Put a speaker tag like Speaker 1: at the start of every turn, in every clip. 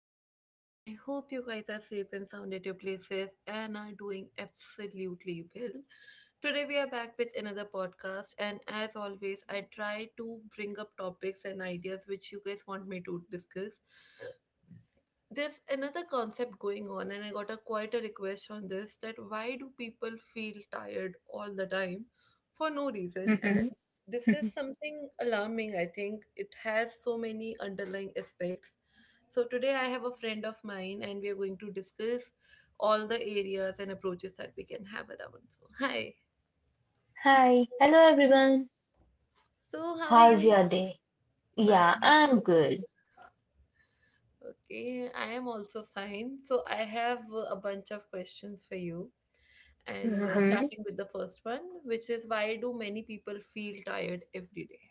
Speaker 1: to everyone. I hope you guys are safe and sound at your places and are doing absolutely well. Today we are back with another podcast, and as always I try to bring up topics and ideas which you guys want me to discuss. There's another concept going on and I got a quite a request on this, that why do people feel tired all the time for no reason. And this is something alarming. I think it has so many underlying aspects, so today I have a friend of mine, and we are going to discuss all the areas and approaches that we can have around. So, hi. So, how are you? Mine is good. Okay, I am also fine. So, I have a bunch of questions for you. And starting with the first one, which is why do many people feel tired every day?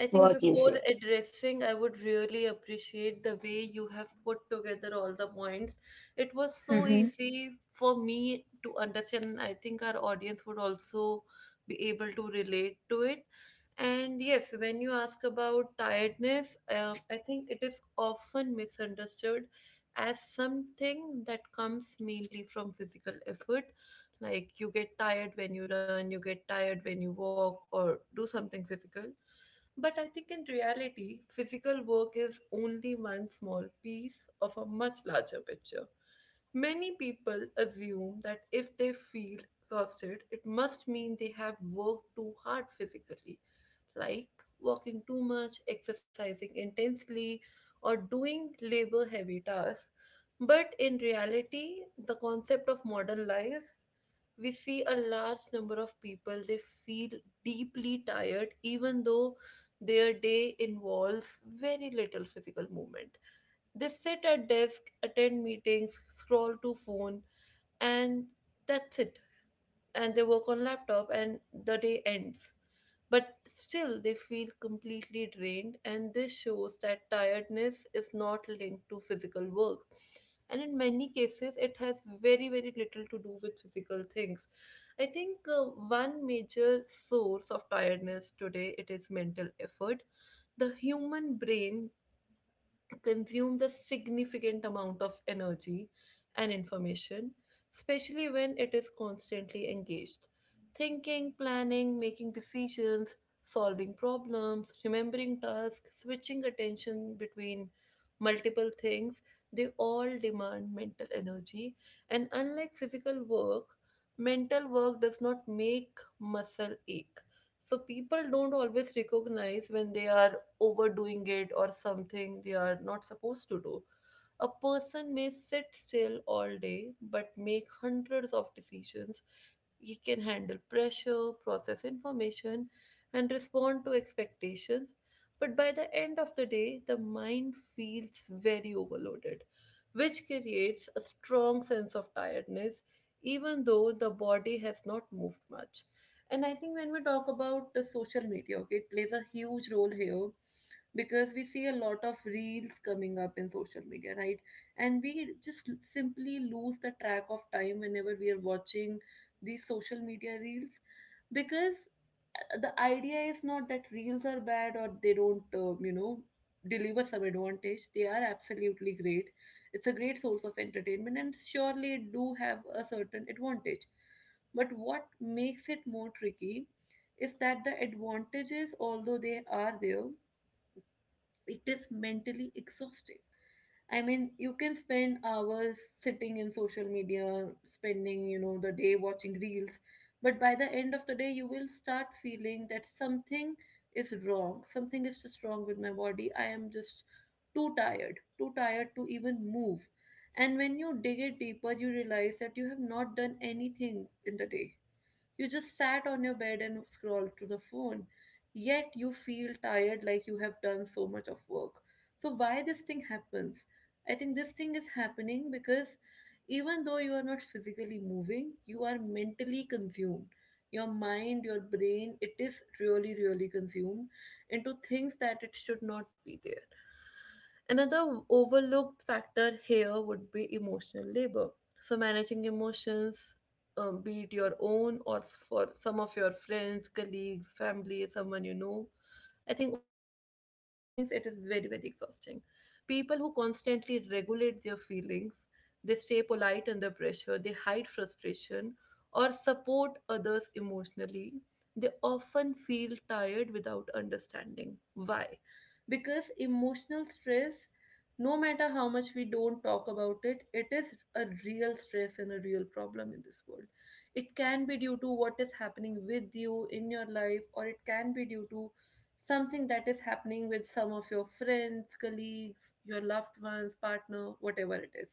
Speaker 1: I think before addressing, I would really appreciate the way you have put together all the points. It was so easy for me to understand, and I think our audience would also be able to relate to it. And yes, when you ask about tiredness, I think it is often misunderstood as something that comes mainly from physical effort. Like you get tired when you run, you get tired when you walk, or do something physical, but I think in reality, physical work is only one small piece of a much larger picture. Many people assume that if they feel exhausted, it must mean they have worked too hard physically, like walking too much, exercising intensely, or doing labor heavy tasks. But in reality, the concept of modern life, we see a large number of people they feel deeply tired even though their day involves very little physical movement. They sit at desk, attend meetings, scroll to phone, and that's it. And they work on laptop and the day ends, but still they feel completely drained. And this shows that tiredness is not linked to physical work, and in many cases it has very very little to do with physical things. I think one major source of tiredness today, it is mental effort. The human brain consumes a significant amount of energy and information, especially when it is constantly engaged. Thinking, planning, making decisions, solving problems, remembering tasks, switching attention between multiple things, they all demand mental energy. And unlike physical work, mental work does not make muscle ache. So people don't always recognize when they are overdoing it or something they are not supposed to do. A person may sit still all day but make hundreds of decisions. He can handle pressure, process information, and respond to expectations. But by the end of the day, the mind feels very overloaded, which creates a strong sense of tiredness, even though the body has not moved much. And I think when we talk about the social media, okay, it plays a huge role here, because we see a lot of reels coming up in social media, right, and we just simply lose the track of time whenever we are watching these social media reels, because the idea is not that reels are bad or they don't you know, deliver some advantage. They are absolutely great. It's a great source of entertainment and surely it do have a certain advantage, but what makes it more tricky is that the advantages, although they are there, it is mentally exhausting. I mean, you can spend hours sitting in social media, spending, you know, the day watching reels, but by the end of the day, you will start feeling that something is wrong. Something is just wrong with my body. I am just too tired to even move. And when you dig it deeper, you realize that you have not done anything in the day, you just sat on your bed and scrolled to the phone. Yet you feel tired like you have done so much of work. So why this thing happens? I think this thing is happening because even though you are not physically moving, you are mentally consumed. Your mind, your brain, it is really, really consumed into things that it should not be there. Another overlooked factor here would be emotional labor. So, managing emotions, be it your own or for some of your friends, colleagues, family, someone you know. I think all these things, it is very, very exhausting. People who constantly regulate their feelings, they stay polite under pressure, they hide frustration, or support others emotionally. They often feel tired without understanding. Why? Because emotional stress, no matter how much we don't talk about it, it is a real stress and a real problem in this world. It can be due to what is happening with you in your life, or it can be due to something that is happening with some of your friends, colleagues, your loved ones, partner, whatever it is.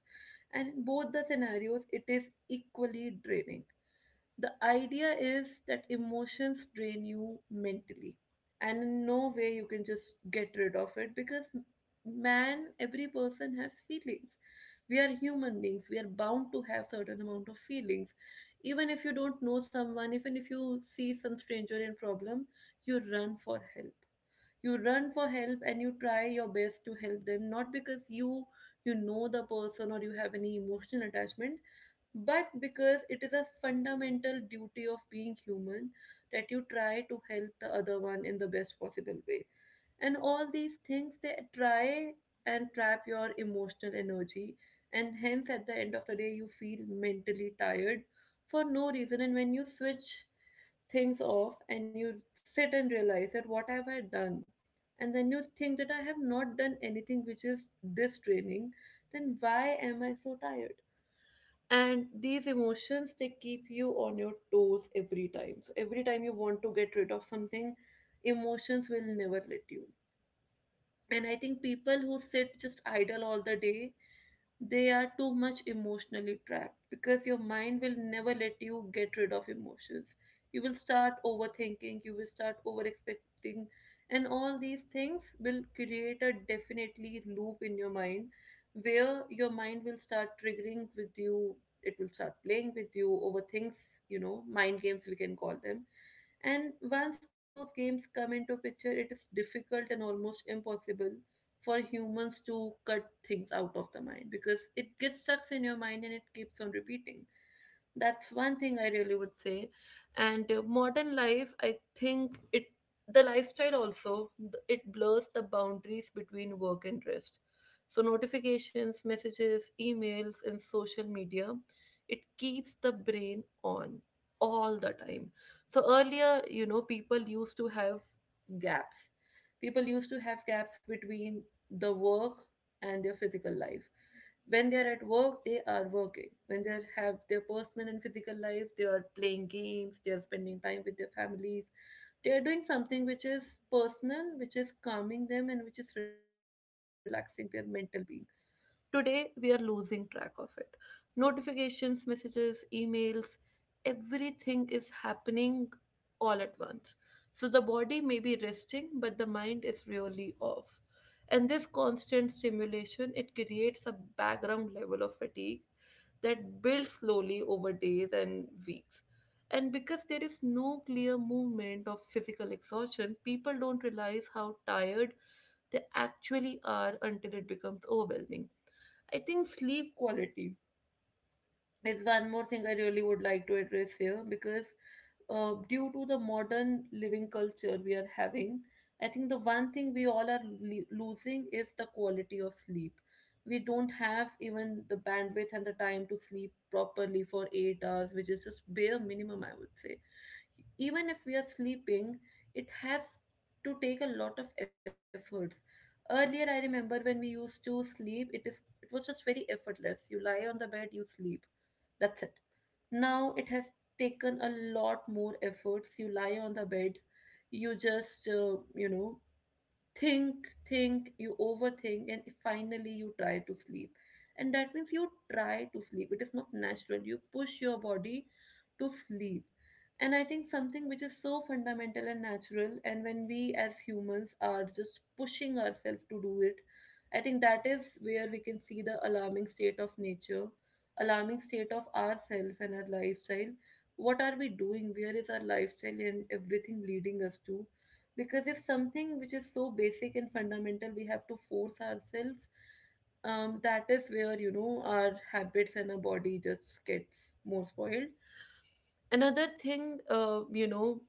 Speaker 1: And in both the scenarios, it is equally draining. The idea is that emotions drain you mentally, and in no way you can just get rid of it, because man, every person has feelings. We are human beings, we are bound to have certain amount of feelings. Even if you don't know someone, even if you see some stranger in problem, you run for help. You run for help and you try your best to help them, not because you know the person or you have any emotional attachment, but because it is a fundamental duty of being human that you try to help the other one in the best possible way. And all these things, they try and trap your emotional energy, and hence at the end of the day you feel mentally tired for no reason. And when you switch things off and you sit and realize that, what have I done? And then you think that I have not done anything which is this draining, then why am I so tired? And these emotions, they keep you on your toes every time. So every time you want to get rid of something, emotions will never let you. And I think people who sit just idle all the day, they are too much emotionally trapped, because your mind will never let you get rid of emotions. You will start overthinking, you will start over expecting, and all these things will create a definitely loop in your mind, where your mind will start triggering with you, it will start playing with you over things, you know, mind games we can call them. And once those games come into picture, it is difficult and almost impossible for humans to cut things out of the mind, because it gets stuck in your mind and it keeps on repeating. That's one thing I really would say. And modern life, I think it, the lifestyle also it blurs the boundaries between work and rest. So notifications, messages, emails and social media, it keeps the brain on all the time. So earlier, you know, people used to have gaps. People used to have gaps between the work and their physical life. When they are at work they are working, when they have their personal and physical life they are playing games, they are spending time with their families, they are doing something which is personal, which is calming them and which is relaxing their mental being. Today, we are losing track of it. Notifications, messages, emails, everything is happening all at once. So the body may be resting, but the mind is really off. And this constant stimulation, it creates a background level of fatigue that builds slowly over days and weeks. And because there is no clear movement of physical exhaustion, people don't realize how tired they actually are until it becomes overwhelming. I think sleep quality is one more thing I really would like to address here, because due to the modern living culture we are having, I think the one thing we all are losing is the quality of sleep. We don't have even the bandwidth and the time to sleep properly for 8 hours, which is just bare minimum, I would say. Even if we are sleeping, it has to take a lot of efforts. Earlier, I remember when we used to sleep, it was just very effortless. You lie on the bed, you sleep. That's it. Now it has taken a lot more efforts. You lie on the bed, you just you know, think, think, you overthink, and finally you try to sleep. And that means you try to sleep. It is not natural. You push your body to sleep. And I think something which is so fundamental and natural, and when we as humans are just pushing ourselves to do it, I think that is where we can see the alarming state of nature, alarming state of ourself and our lifestyle. What are we doing? Where is our lifestyle and everything leading us to? Because if something which is so basic and fundamental we have to force ourselves, that is where our habits and our body just gets more spoiled. Another thing,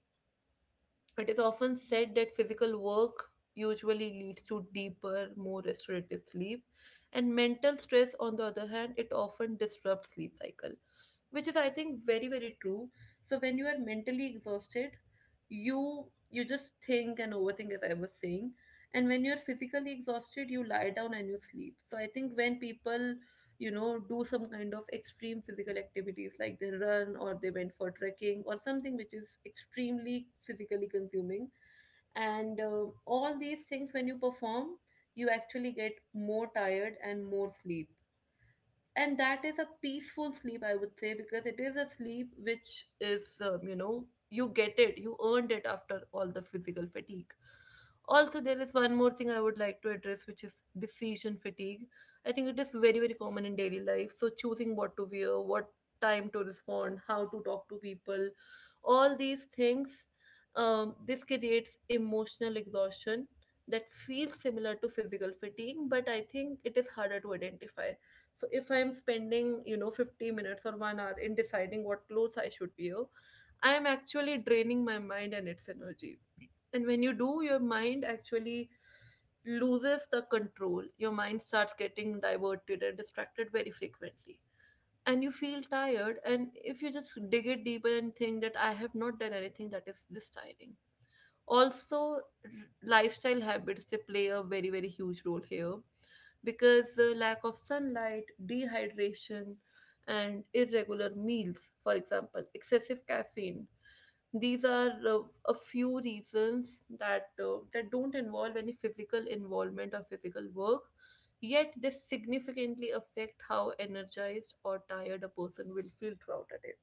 Speaker 1: it is often said that physical work usually leads to deeper, more restorative sleep, and mental stress, on the other hand, it often disrupts sleep cycle, which is, I think, very very true. So when you are mentally exhausted, you you just think and overthink, as I was saying. And when you're physically exhausted, you lie down and you sleep. So I think when people, you know, do some kind of extreme physical activities, like they run or they went for trekking or something which is extremely physically consuming, and all these things, when you perform, you actually get more tired and more sleep. And that is a peaceful sleep, I would say, because it is a sleep which is, you get it, you earned it after all the physical fatigue. Also, there is one more thing I would like to address, which is decision fatigue. I think it is very very common in daily life. So choosing what to wear, what time to respond, how to talk to people, all these things, this creates emotional exhaustion that feels similar to physical fatigue, but I think it is harder to identify. So if I am spending, 50 minutes or 1 hour in deciding what clothes I should wear, I am actually draining my mind and its energy. And when you do, your mind actually loses the control. Your mind starts getting diverted and distracted very frequently, and you feel tired. And if you just dig it deeper and think that I have not done anything that is this tiring, also lifestyle habits, they play a very very huge role here, because the lack of sunlight, dehydration, and irregular meals, for example, excessive caffeine. These are a few reasons that that don't involve any physical involvement or physical work, yet they significantly affect how energized or tired a person will feel throughout a day.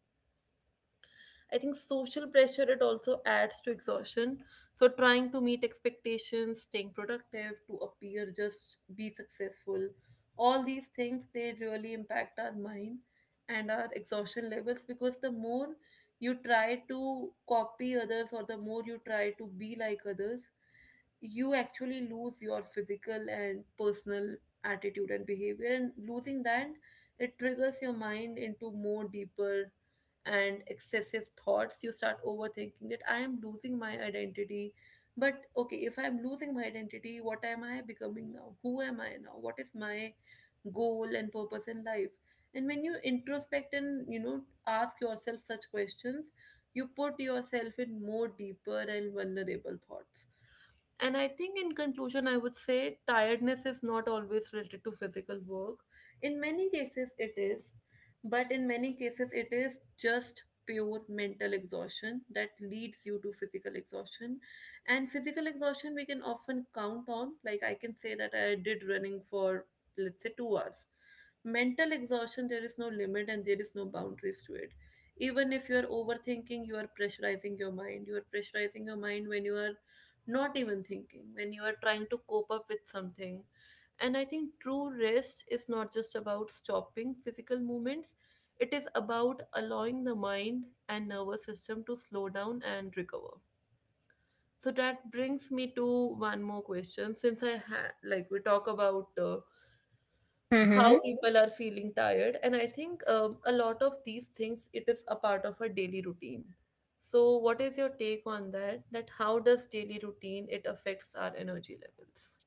Speaker 1: I think social pressure, it also adds to exhaustion. So trying to meet expectations, staying productive, to appear just be successful, all these things, they really impact our mind and our exhaustion levels. Because the more you try to copy others, or the more you try to be like others, you actually lose your physical and personal attitude and behavior. And losing that, it triggers your mind into more deeper and excessive thoughts. You start overthinking that I am losing my identity. But okay, if I am losing my identity, what am I becoming now? Who am I now? What is my goal and purpose in life? And when you introspect and, you know, ask yourself such questions, you put yourself in more deeper and vulnerable thoughts. And I think, in conclusion, I would say tiredness is not always related to physical work. In many cases, it is, but in many cases, it is just pure mental exhaustion that leads you to physical exhaustion. And physical exhaustion, we can often count on. Like, I can say that I did running for, let's say, 2 hours. Mental exhaustion, there is no limit and there is no boundaries to it. Even if you're overthinking, you are pressurizing your mind. You are pressurizing your mind when you are not even thinking, when you are trying to cope up with something. And I think true rest is not just about stopping physical movements. It is about allowing the mind and nervous system to slow down and recover. So that brings me to one more question, since I had, like, we talk about how people are feeling tired, and I think a lot of these things, it is a part of a daily routine. So what is your take on that, that how does daily routine, it affects our energy levels?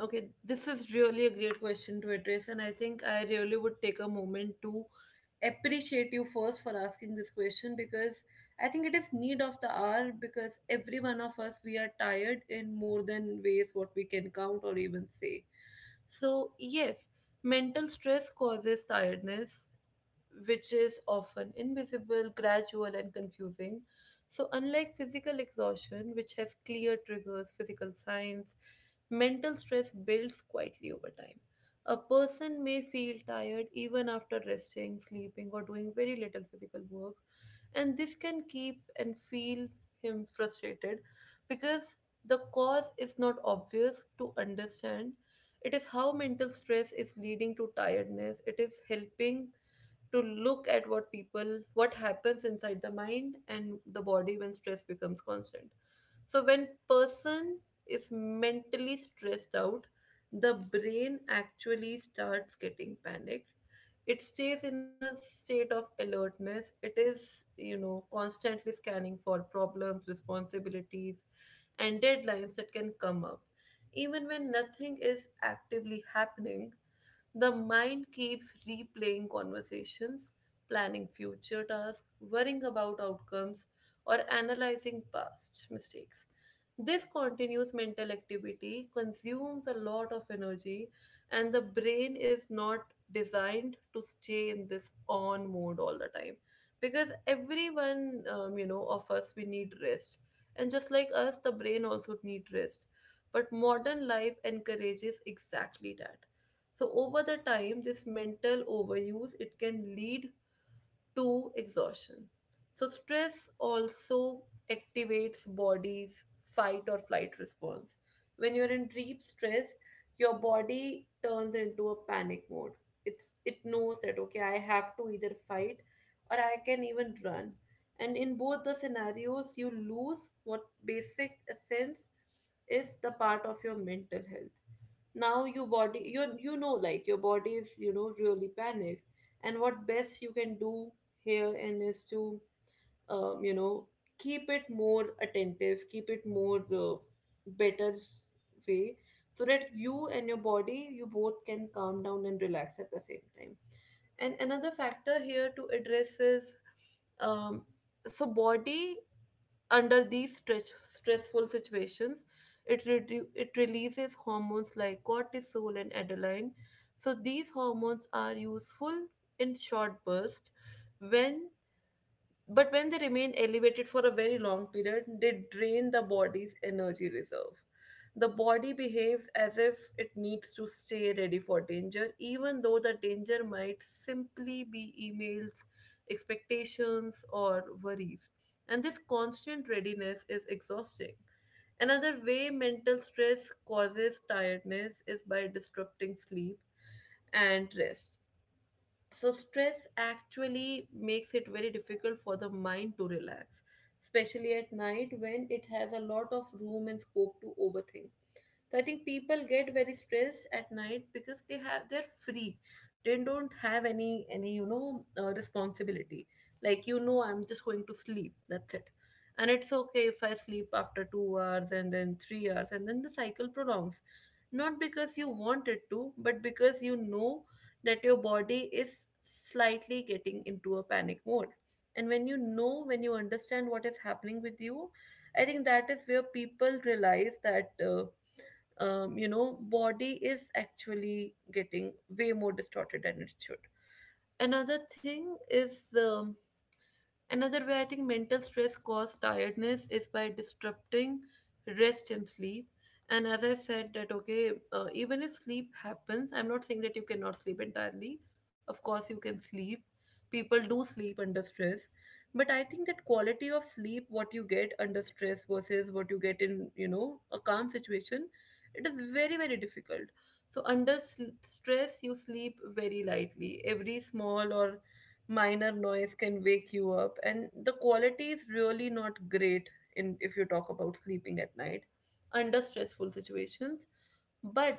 Speaker 1: Okay, this is really a great question to address, and I think I really would take a moment to appreciate you first for asking this question, because I think it is need of the hour, because every one of us, we are tired in more than ways what we can count or even say. So yes, mental stress causes tiredness which is often invisible, gradual, and confusing. So, unlike physical exhaustion, which has clear triggers, physical signs, mental stress builds quietly over time. A person may feel tired even after resting, sleeping, or doing very little physical work, and this can keep and feel him frustrated because the cause is not obvious to understand. It is how mental stress is leading to tiredness, it is helping to look at what people, what happens inside the mind and the body when stress becomes constant. So when person is mentally stressed out, the brain actually starts getting panicked. It stays in a state of alertness. It is, you know, constantly scanning for problems, responsibilities, and deadlines that can come up. Even when nothing is actively happening, the mind keeps replaying conversations, planning future tasks, worrying about outcomes, or analyzing past mistakes. This continuous mental activity consumes a lot of energy, and the brain is not designed to stay in this on mode all the time, because everyone, of us, we need rest. And just like us, the brain also needs rest. But modern life encourages exactly that. So over the time, this mental overuse, it can lead to exhaustion. So stress also activates body's fight or flight response. When you're in deep stress, your body turns into a panic mode. It knows that okay, I have to either fight or I can even run. And in both the scenarios, you lose what basic essence is the part of your mental health. Now your body, you know like your body is, you know, really panicked, and what best you can do here and is to, um, you know keep it more attentive, keep it more, better way, so that you and your body, you both can calm down and relax at the same time. And another factor here to address is, um, so body under these stress, stressful situations, it it releases hormones like cortisol and adrenaline. So these hormones are useful in short bursts, when, but when they remain elevated for a very long period, they drain the body's energy reserve. The body behaves as if it needs to stay ready for danger, even though the danger might simply be emails, expectations, or worries. And this constant readiness is exhausting. Another way mental stress causes tiredness is by disrupting sleep and rest. So, stress actually makes it very difficult for the mind to relax, especially at night when it has a lot of room and scope to overthink. So I think people get very stressed at night because they're free. They don't have any responsibility. Like, you know, I'm just going to sleep. That's it. And it's okay if I sleep after 2 hours and then 3 hours and then the cycle prolongs. Not because you want it to, but because you know that your body is slightly getting into a panic mode. And when you know, when you understand what is happening with you, I think that is where people realize that. You know, body is actually getting way more distorted than it should. Another thing is, another way I think mental stress causes tiredness is by disrupting rest and sleep. And as I said, that okay, even if sleep happens, I'm not saying that you cannot sleep entirely. Of course, you can sleep. People do sleep under stress. But I think that quality of sleep, what you get under stress versus what you get in, you know, a calm situation, it is very, very difficult. So, under stress, you sleep very lightly. Every small or minor noise can wake you up, and the quality is really not great in, if you talk about sleeping at night under stressful situations. But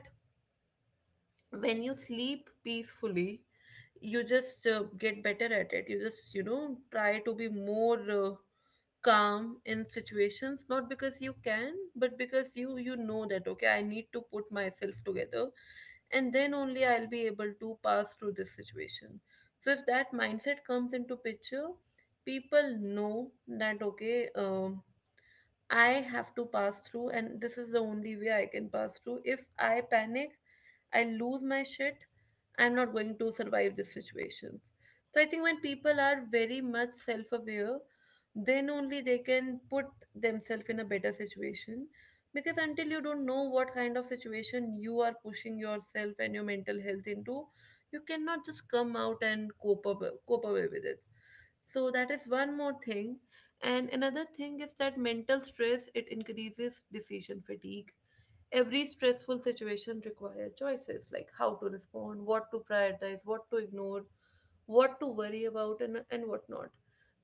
Speaker 1: when you sleep peacefully, you just get better at it. You just, you know, try to be more, calm in situations, not because you can, but because you know that okay, I need to put myself together, and then only I'll be able to pass through this situation. So if that mindset comes into picture, people know that okay, I have to pass through, and this is the only way I can pass through. If I panic, I lose my shit, I'm not going to survive these situations. So I think when people are very much self aware, then only they can put themselves in a better situation. Because until you don't know what kind of situation you are pushing yourself and your mental health into, you cannot just come out and cope away with it. So that is one more thing, and another thing is that mental stress it increases decision fatigue. Every stressful situation requires choices like how to respond, what to prioritize, what to ignore, what to worry about, and what not.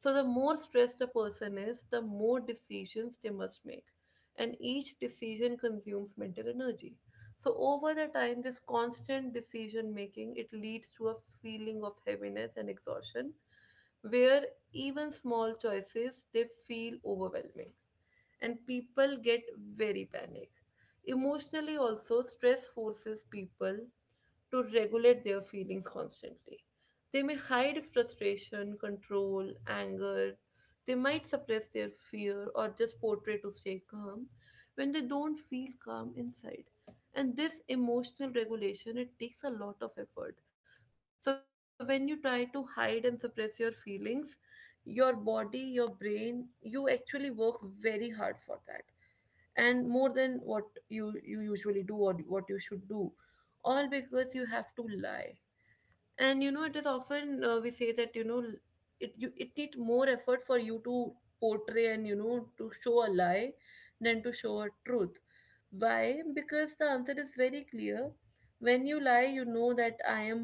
Speaker 1: So the more stressed a person is, the more decisions they must make, and each decision consumes mental energy. So over the time, this constant decision making it leads to a feeling of heaviness and exhaustion, where even small choices they feel overwhelming, and people get very panic. Emotionally also, stress forces people to regulate their feelings constantly. They may hide frustration, control, anger. They might suppress their fear or just portray to stay calm when they don't feel calm inside. And this emotional regulation it takes a lot of effort. So when you try to hide and suppress your feelings, your body, your brain, you actually work very hard for that and more than what you usually do or what you should do, all because you have to lie. And you know it is often, we say that, you know, it, you, it needs more effort for you to portray and, you know, to show a lie than to show a truth. Why? Because the answer is very clear. When you lie, you know that i am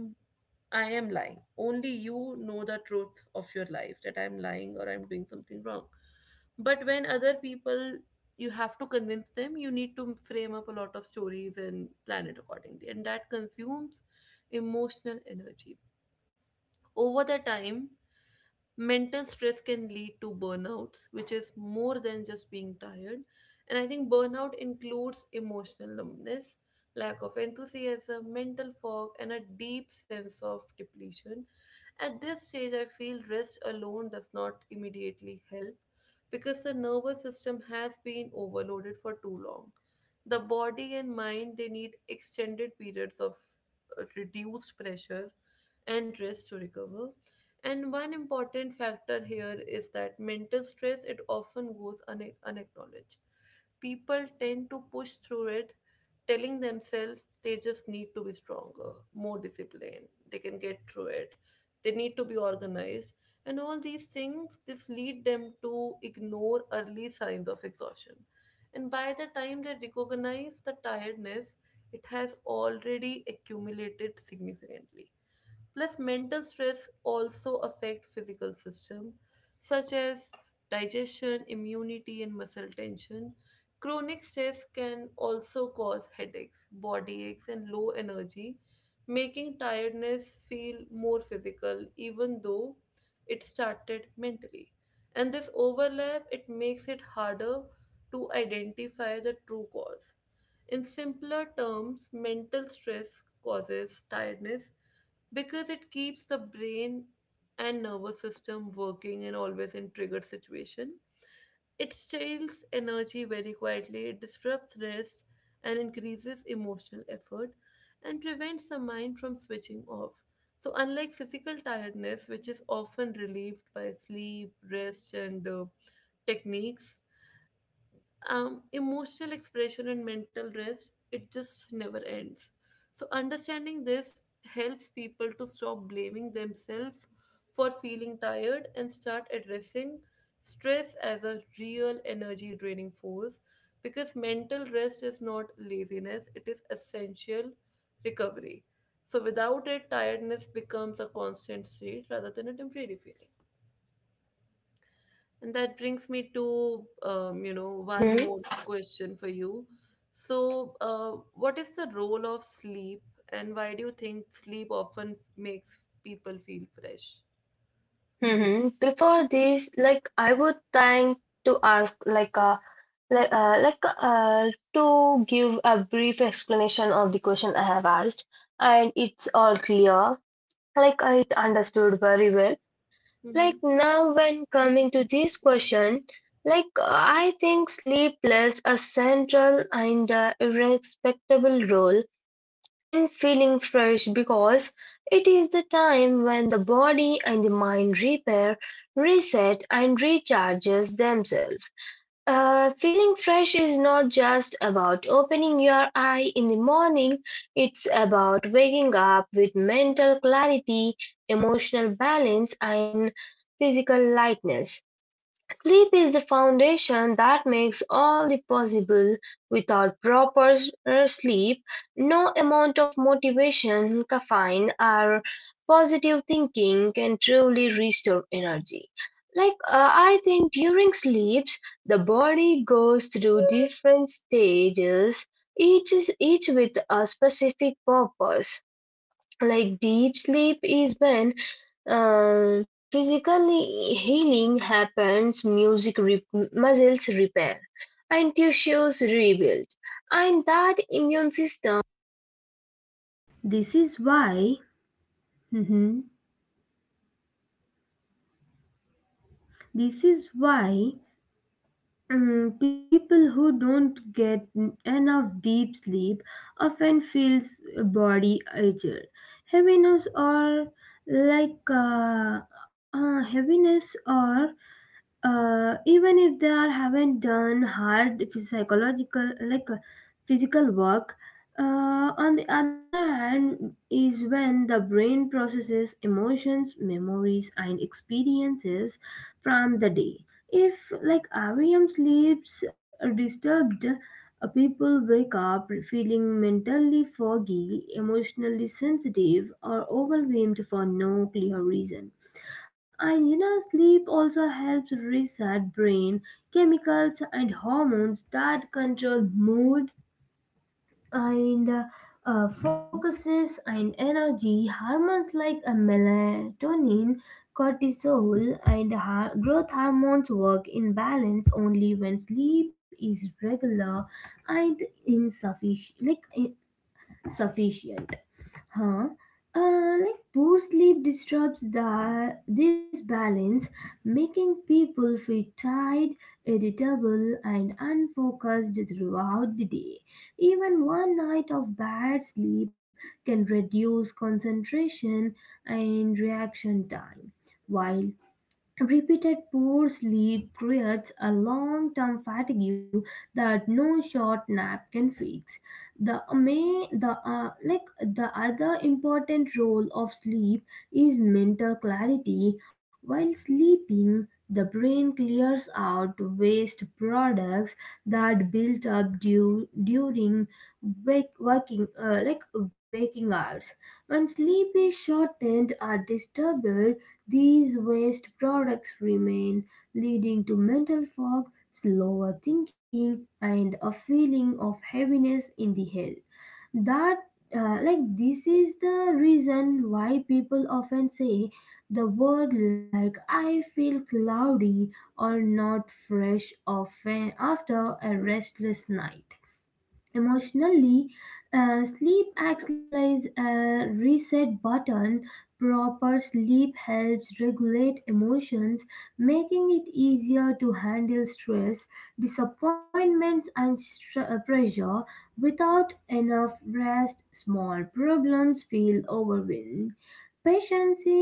Speaker 1: I am lying. Only you know the truth of your life, that I'm lying or I'm doing something wrong. But when other people, you have to convince them, you need to frame up a lot of stories and plan it accordingly. And that consumes emotional energy. Over the time, mental stress can lead to burnouts, which is more than just being tired. And I think burnout includes emotional numbness, lack of enthusiasm, mental fog, and a deep sense of depletion. At this stage, I feel rest alone does not immediately help, because the nervous system has been overloaded for too long. The body and mind they need extended periods of reduced pressure and rest to recover. And one important factor here is that mental stress it often goes unacknowledged. People tend to push through it, telling themselves they just need to be stronger, more disciplined, they can get through it, they need to be organized. And all these things just lead them to ignore early signs of exhaustion. And by the time they recognize the tiredness, it has already accumulated significantly. Plus, mental stress also affect physical system, such as digestion, immunity, and muscle tension. Chronic stress can also cause headaches, body aches, and low energy, making tiredness feel more physical even though it started mentally. And this overlap it makes it harder to identify the true cause. In simpler terms, mental stress causes tiredness because it keeps the brain and nervous system working and always in triggered situation. It steals energy very quietly, it disrupts rest and increases emotional effort and prevents the mind from switching off. So unlike physical tiredness, which is often relieved by sleep, rest, and techniques, emotional expression and mental rest, it just never ends. So understanding this helps people to stop blaming themselves for feeling tired and start addressing stress as a real energy draining force, because mental rest is not laziness, it is essential recovery. So without it, tiredness becomes a constant state rather than a temporary feeling. And that brings me to, you know, one more question for you. So, what is the role of sleep, and why do you think sleep often makes people feel fresh? Hmm.
Speaker 2: This is why, mhm, this is why people who don't get enough deep sleep often feels body urger, heaviness or like uh, heaviness or even if haven't done hard psychological physical work. On the other hand is when the brain processes emotions, memories and experiences from the day. If like REM sleeps disturbed, people wake up feeling mentally foggy, emotionally sensitive or overwhelmed for no clear reason. And you know, sleep also helps reset brain chemicals and hormones that control mood and focuses and energy. Hormones like melatonin, cortisol, and growth hormones work in balance only when sleep is regular and insufficient. Sufficient. Huh? Like poor sleep disturbs this balance, making people feel tired, irritable, and unfocused throughout the day. Even one night of bad sleep can reduce concentration and reaction time, while repeated poor sleep creates a long term fatigue that no short nap can fix. The may the like the other important role of sleep is mental clarity. While sleeping, the brain clears out waste products that built up during wake, working like waking hours. When sleep is shortened or disturbed, these waste products remain, leading to mental fog, slower thinking, and a feeling of heaviness in the head. That this is the reason why people often say the word like I feel cloudy or not fresh often after a restless night. Emotionally, sleep acts like a reset button. Proper sleep helps regulate emotions, making it easier to handle stress, disappointments, and pressure. Without enough rest, small problems feel overwhelming. Patience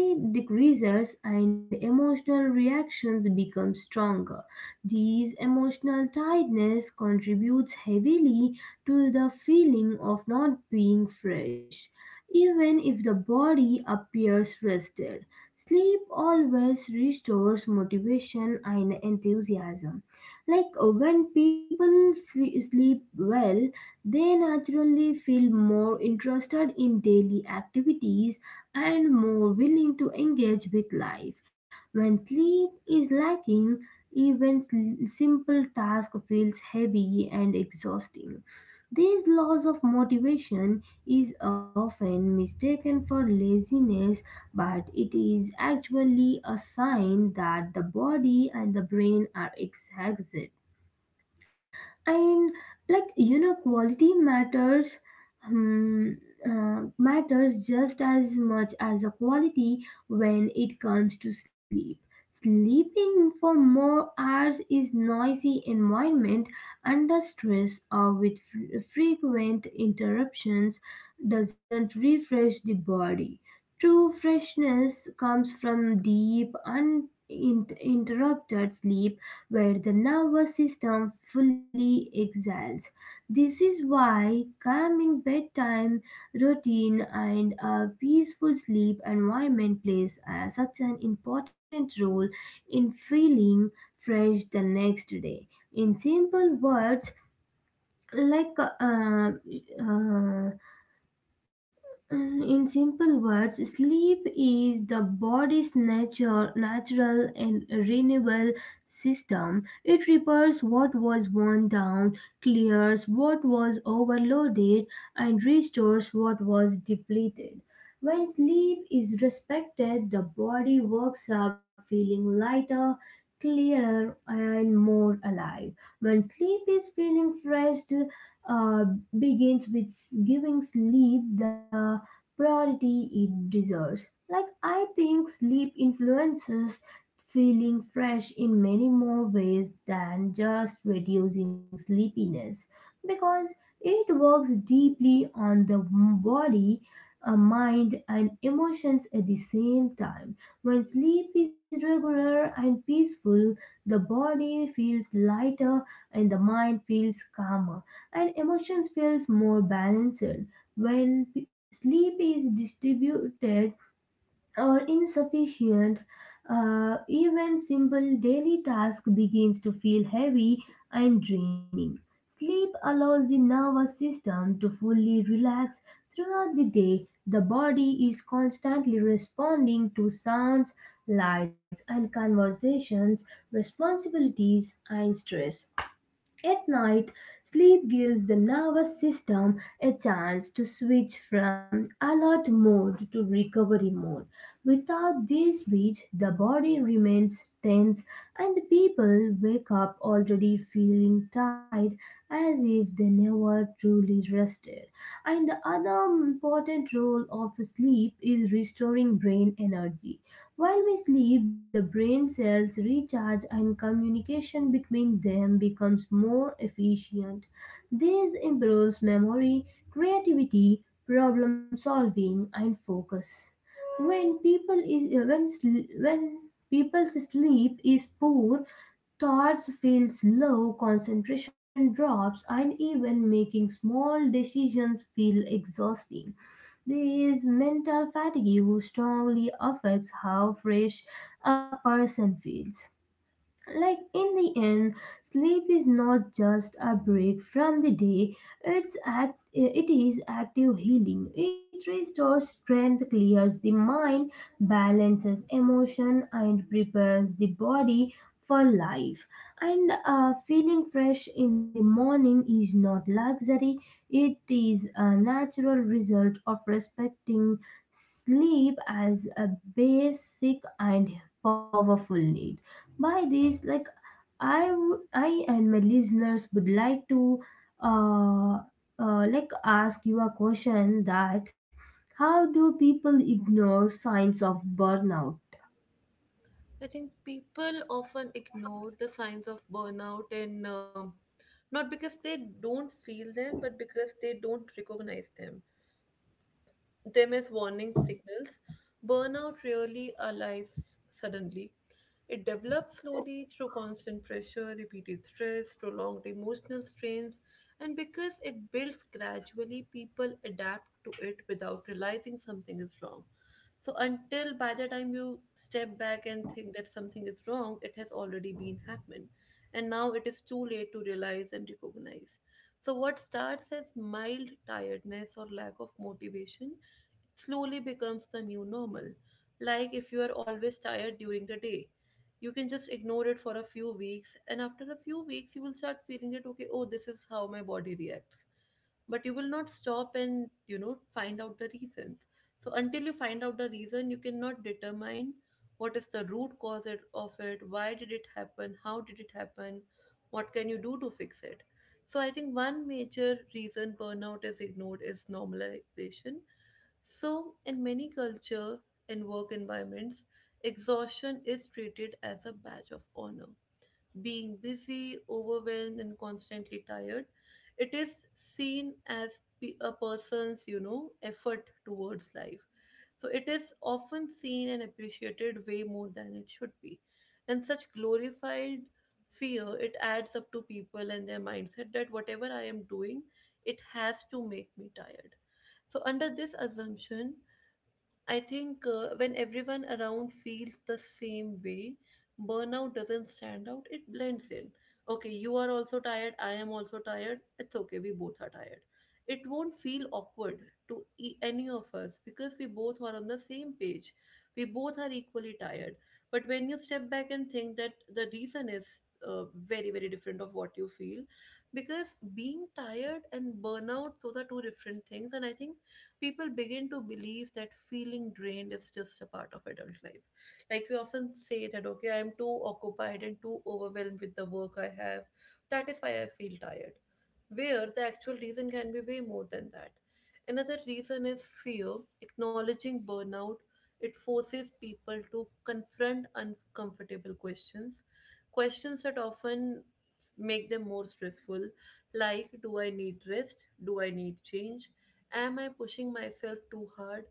Speaker 2: decreases and emotional reactions become stronger. These emotional tiredness contributes heavily to the feeling of not being fresh, even if the body appears rested. Sleep always restores motivation and enthusiasm. Like when sleep well, they naturally feel more interested in daily activities and more willing to engage with life. When sleep is lacking, even simple task feels heavy and exhausting. This loss of motivation is often mistaken for laziness, but it is actually a sign that the body and the brain are exhausted. And like, quality matters, um, matters just as much as a quality when it comes to sleep. Sleeping for more hours is noisy environment, under stress or with frequent interruptions, doesn't refresh the body. True freshness comes from deep uninterrupted sleep where the nervous system fully exiles. This is why calming bedtime routine and a peaceful sleep environment plays such an important role in feeling fresh the next day. In simple words, like uh, uh, in simple words, sleep is the body's natural and renewable system. It repairs what was worn down, clears what was overloaded, and restores what was depleted. When sleep is respected, the body wakes up feeling lighter, clearer, and more alive. When sleep is feeling fresh, uh, begins with giving sleep the priority it deserves. Like, I think sleep influences feeling fresh in many more ways than just reducing sleepiness because it works deeply on the body, mind, and emotions at the same time. When sleep is regular and peaceful, the body feels lighter and the mind feels calmer and emotions feels more balanced. When sleep is distributed or insufficient, even simple daily task begins to feel heavy and draining. Sleep allows the nervous system to fully relax throughout the day. The body is constantly responding to sounds, lights, and conversations, responsibilities, and stress. At night, sleep gives the nervous system a chance to switch from alert mode to recovery mode. Without this switch, the body remains tense and the people wake up already feeling tired, as if they never truly rested. And the other important role of sleep is restoring brain energy. While we sleep, the brain cells recharge and communication between them becomes more efficient. This improves memory, creativity, problem solving, and focus. When people's sleep is poor, thoughts feels low, concentration drops, and even making small decisions feel exhausting. There is mental fatigue, which strongly affects how fresh a person feels. Like in the end, sleep is not just a break from the day, it is active healing. It restores strength, clears the mind, balances emotion and prepares the body for life. And Feeling fresh in the morning is not luxury, it is a natural result of respecting sleep as a basic and powerful need. By this like, I and my listeners would like to uh, ask you a question that how do people ignore signs of burnout?
Speaker 1: I think people often ignore the signs of burnout, and not because they don't feel them, but because they don't recognize them. Them as warning signals. Burnout rarely arrives suddenly. It develops slowly through constant pressure, repeated stress, prolonged emotional strains, and because it builds gradually, people adapt to it without realizing something is wrong. So until by the time you step back and think that something is wrong, it has already been happened. And now it is too late to realize and recognize. So what starts as mild tiredness or lack of motivation slowly becomes the new normal. Like if you are always tired during the day, you can just ignore it for a few weeks, and after a few weeks you will start feeling that, okay, oh, this is how my body reacts. But you will not stop and, you know, find out the reasons. So until you find out the reason, you cannot determine what is the root cause of it, why did it happen, how did it happen, what can you do to fix it. So I think one major reason burnout is ignored is normalization. So in many culture and work environments, exhaustion is treated as a badge of honor. Being busy, overwhelmed, and constantly tired, it is seen as a person's, you know, effort towards life, so it is often seen and appreciated way more than it should be. And such glorified fear, it adds up to people and their mindset that whatever I am doing, it has to make me tired. So under this assumption, I think, when everyone around feels the same way, burnout doesn't stand out, it blends in. Okay, you are also tired, I am also tired. It's okay, we both are tired. It won't feel awkward to any of us, because we both are on the same page. We both are equally tired. But when you step back and think that the reason is, very, very different of what you feel, because being tired and burnout, those are two different things. And I think people begin to believe that feeling drained is just a part of adult life. Like we often say that, okay, I am too occupied and too overwhelmed with the work I have. That is why I feel tired, where the actual reason can be way more than that. Another reason is fear. Acknowledging burnout, it forces people to confront uncomfortable questions, questions that often make them more stressful, like do I need rest? Do I need change? Am I pushing myself too hard?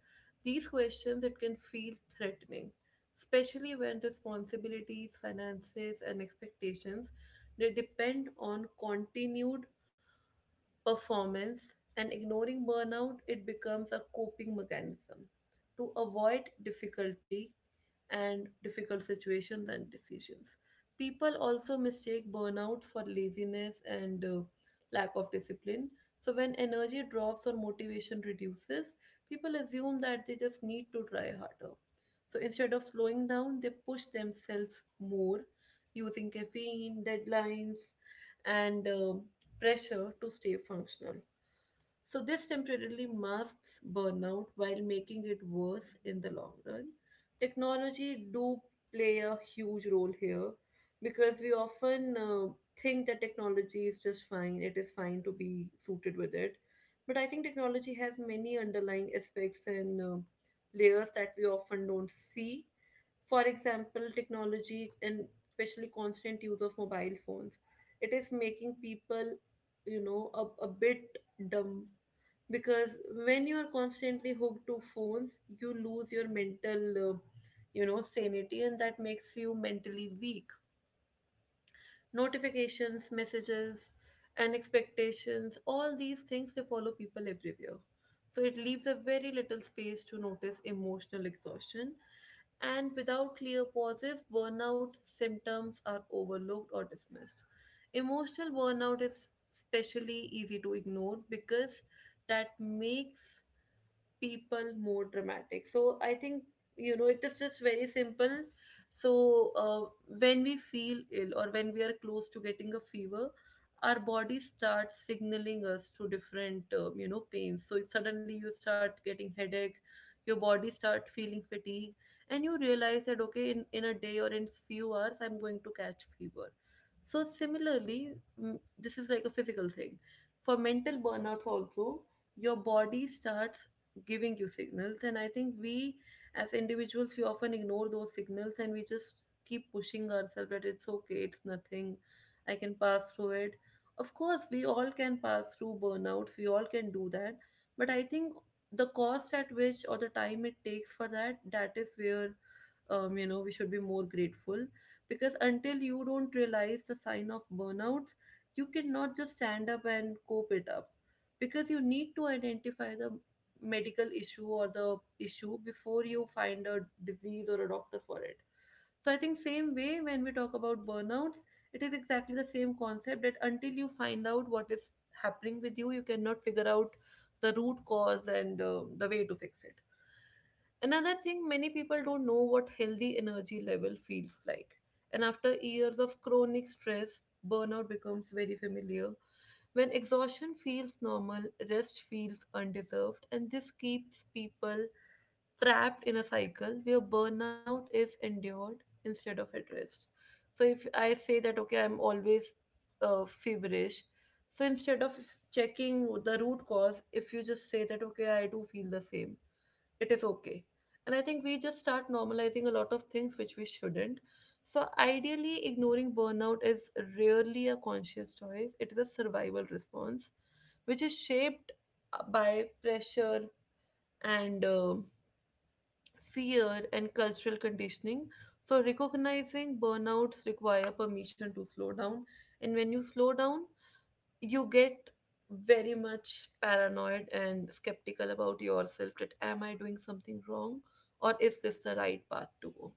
Speaker 1: These questions it can feel threatening, especially when responsibilities, finances, and expectations they depend on continued performance, and ignoring burnout, it becomes a coping mechanism to avoid difficulty and difficult situations and decisions. People also mistake burnout for laziness and, lack of discipline. So when energy drops or motivation reduces, people assume that they just need to try harder. So instead of slowing down, they push themselves more, using caffeine, deadlines, and pressure to stay functional. So this temporarily masks burnout while making it worse in the long run. Technology do play a huge role here, because we often, think that technology is just fine, it is fine to be suited with it. But I think technology has many underlying aspects and, layers that we often don't see. For example, technology and especially constant use of mobile phones, it is making people, you know, a bit dumb, because when you are constantly hooked to phones you lose your mental, you know, sanity, and that makes you mentally weak. Notifications, messages, and expectations, all these things they follow people everywhere, so it leaves a very little space to notice emotional exhaustion. And without clear pauses, burnout symptoms are overlooked or dismissed. Emotional burnout is especially easy to ignore because that makes people more dramatic. So I think, you know, it is just very simple. So, when we feel ill or when we are close to getting a fever, our body starts signaling us through different, you know, pains. So if suddenly you start getting headache, your body start feeling fatigue, and you realize that, okay, in a day or in few hours I'm going to catch fever. So similarly, this is like a physical thing. For mental burnouts also, your body starts giving you signals, and I think we as individuals we often ignore those signals and we just keep pushing ourselves that it's okay, it's nothing, I can pass through it. Of course, we all can pass through burnouts, we all can do that. But I think the cost at which, or the time it takes for that, is where, you know, we should be more grateful. Because until you don't realize the sign of burnouts, you cannot just stand up and cope it up, because you need to identify the medical issue or the issue before you find a disease or a doctor for it. So I think same way when we talk about burnouts, it is exactly the same concept, that until you find out what is happening with you, you cannot figure out the root cause and, the way to fix it. Another thing, many people don't know what healthy energy level feels like. And after years of chronic stress, burnout becomes very familiar. When exhaustion feels normal, rest feels undeserved, and this keeps people trapped in a cycle where burnout is endured instead of addressed. So if I say that, okay, I'm always, feverish, so instead of checking the root cause, if you just say that, okay, I do feel the same, it is okay. And I think we just start normalizing a lot of things which we shouldn't. So ideally ignoring burnout is rarely a conscious choice, it is a survival response which is shaped, by pressure and, fear and cultural conditioning. So recognizing burnouts require permission to slow down. And when you slow down, you get very much paranoid and skeptical about yourself, that am I doing something wrong or is this the right path to go.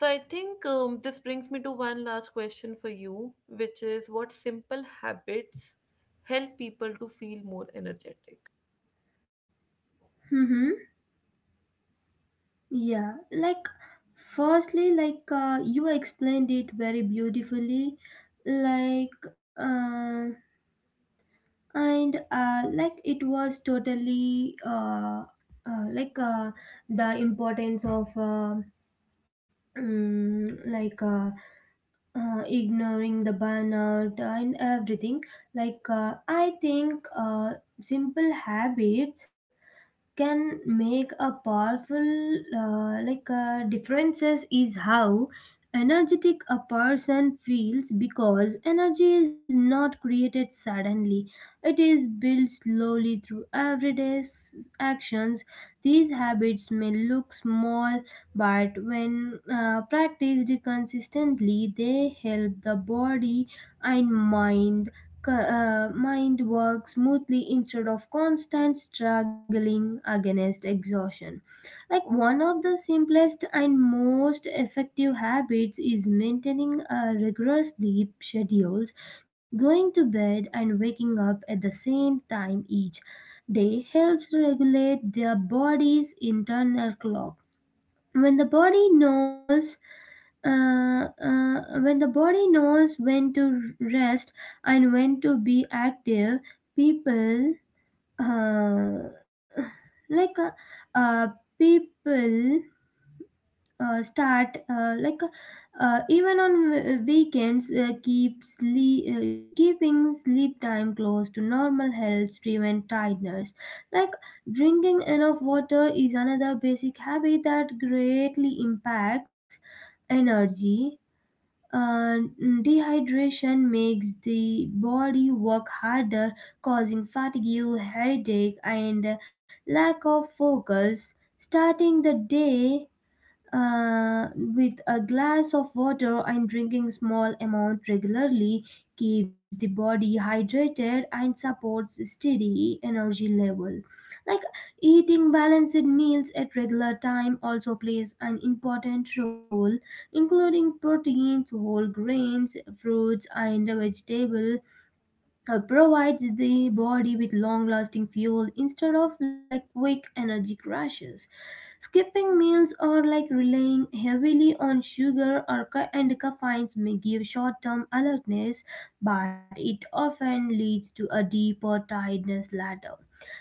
Speaker 1: So I think, this brings me to one last question for you, which is what simple habits help people to feel more energetic.
Speaker 2: Mm-hmm. Yeah, like firstly, you explained it very beautifully. Like uh, and like It was totally uh, like uh, the importance of mm, like uh, ignoring the burnout and everything. I think simple habits can make a powerful differences is how energetic a person feels, because energy is not created suddenly. It is built slowly through everyday actions. These habits may look small, but when practiced consistently, they help the body and mind work smoothly instead of constant struggling against exhaustion. Like, one of the simplest and most effective habits is maintaining a rigorous sleep schedules, going to bed and waking up at the same time each day helps regulate their body's internal clock. When the body knows when to rest and when to be active, people uh, like uh, uh, people start even on weekends, keeping sleep time close to normal helps prevent tiredness. Like, drinking enough water is another basic habit that greatly impacts energy. And dehydration makes the body work harder, causing fatigue, headache, and lack of focus. Starting the day with a glass of water and drinking small amount regularly keeps the body hydrated and supports steady energy level. Like, eating balanced meals at regular time also plays an important role. Including proteins, whole grains, fruits and vegetable provides the body with long lasting fuel instead of like quick energy crashes. Skipping meals or like relying heavily on sugar or ca- and caffeines may give short-term alertness, but it often leads to a deeper tiredness later.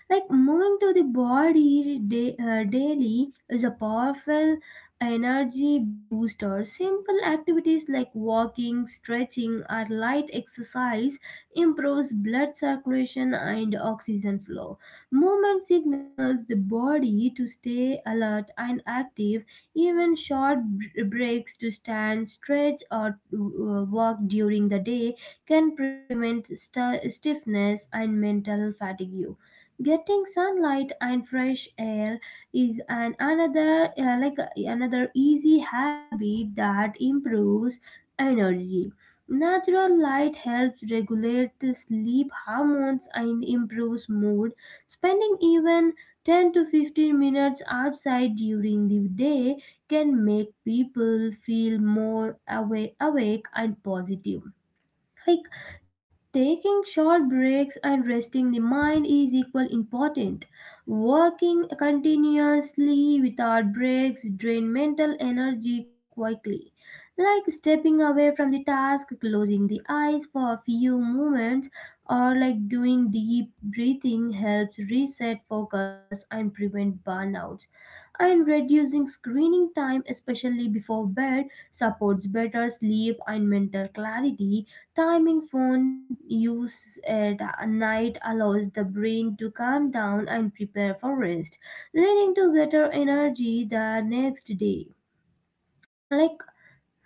Speaker 2: Like, moving to the body daily is a powerful energy booster. Simple activities like walking, stretching, or light exercise improves blood circulation and oxygen flow. Movement signals the body to stay alert and active. Even short breaks to stand, stretch, or walk during the day can prevent stiffness and mental fatigue. Getting sunlight and fresh air is an another another easy habit that improves energy. Natural light helps regulate the sleep hormones and improves mood. Spending even 10 to 15 minutes outside during the day can make people feel more awake and positive. Like, taking short breaks and resting the mind is equally important. Working continuously without breaks drain mental energy quickly, like stepping away from the task, closing the eyes for a few moments, or like doing deep breathing helps reset focus and prevent burnouts. And reducing screening time, especially before bed, supports better sleep and mental clarity. Timing phone use at night allows the brain to calm down and prepare for rest, leading to better energy the next day. Like,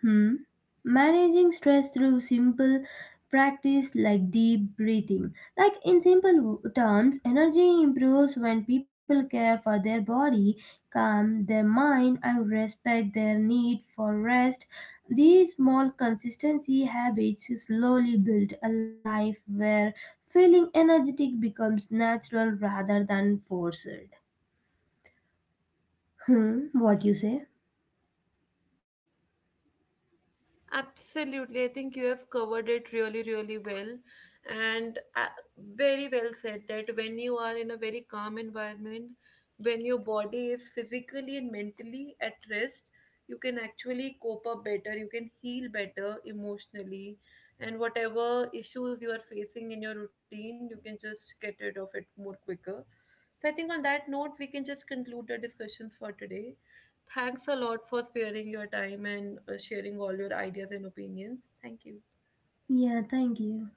Speaker 2: hmm, managing stress through simple practice like deep breathing. Like, in simple terms, energy improves when people care for their body, calm their mind, and respect their need for rest. These small consistency habits slowly build a life where feeling energetic becomes natural rather than forced. Hmm, what you say?
Speaker 1: Absolutely. I think you have covered it really, really well. And, very well said that when you are in a very calm environment, when your body is physically and mentally at rest, you can actually cope up better, you can heal better emotionally, and whatever issues you are facing in your routine, you can just get rid of it more quicker. So I think on that note, we can just conclude the discussions for today. Thanks a lot for sparing your time and, sharing all your ideas and opinions. Thank you.
Speaker 2: Yeah, thank you.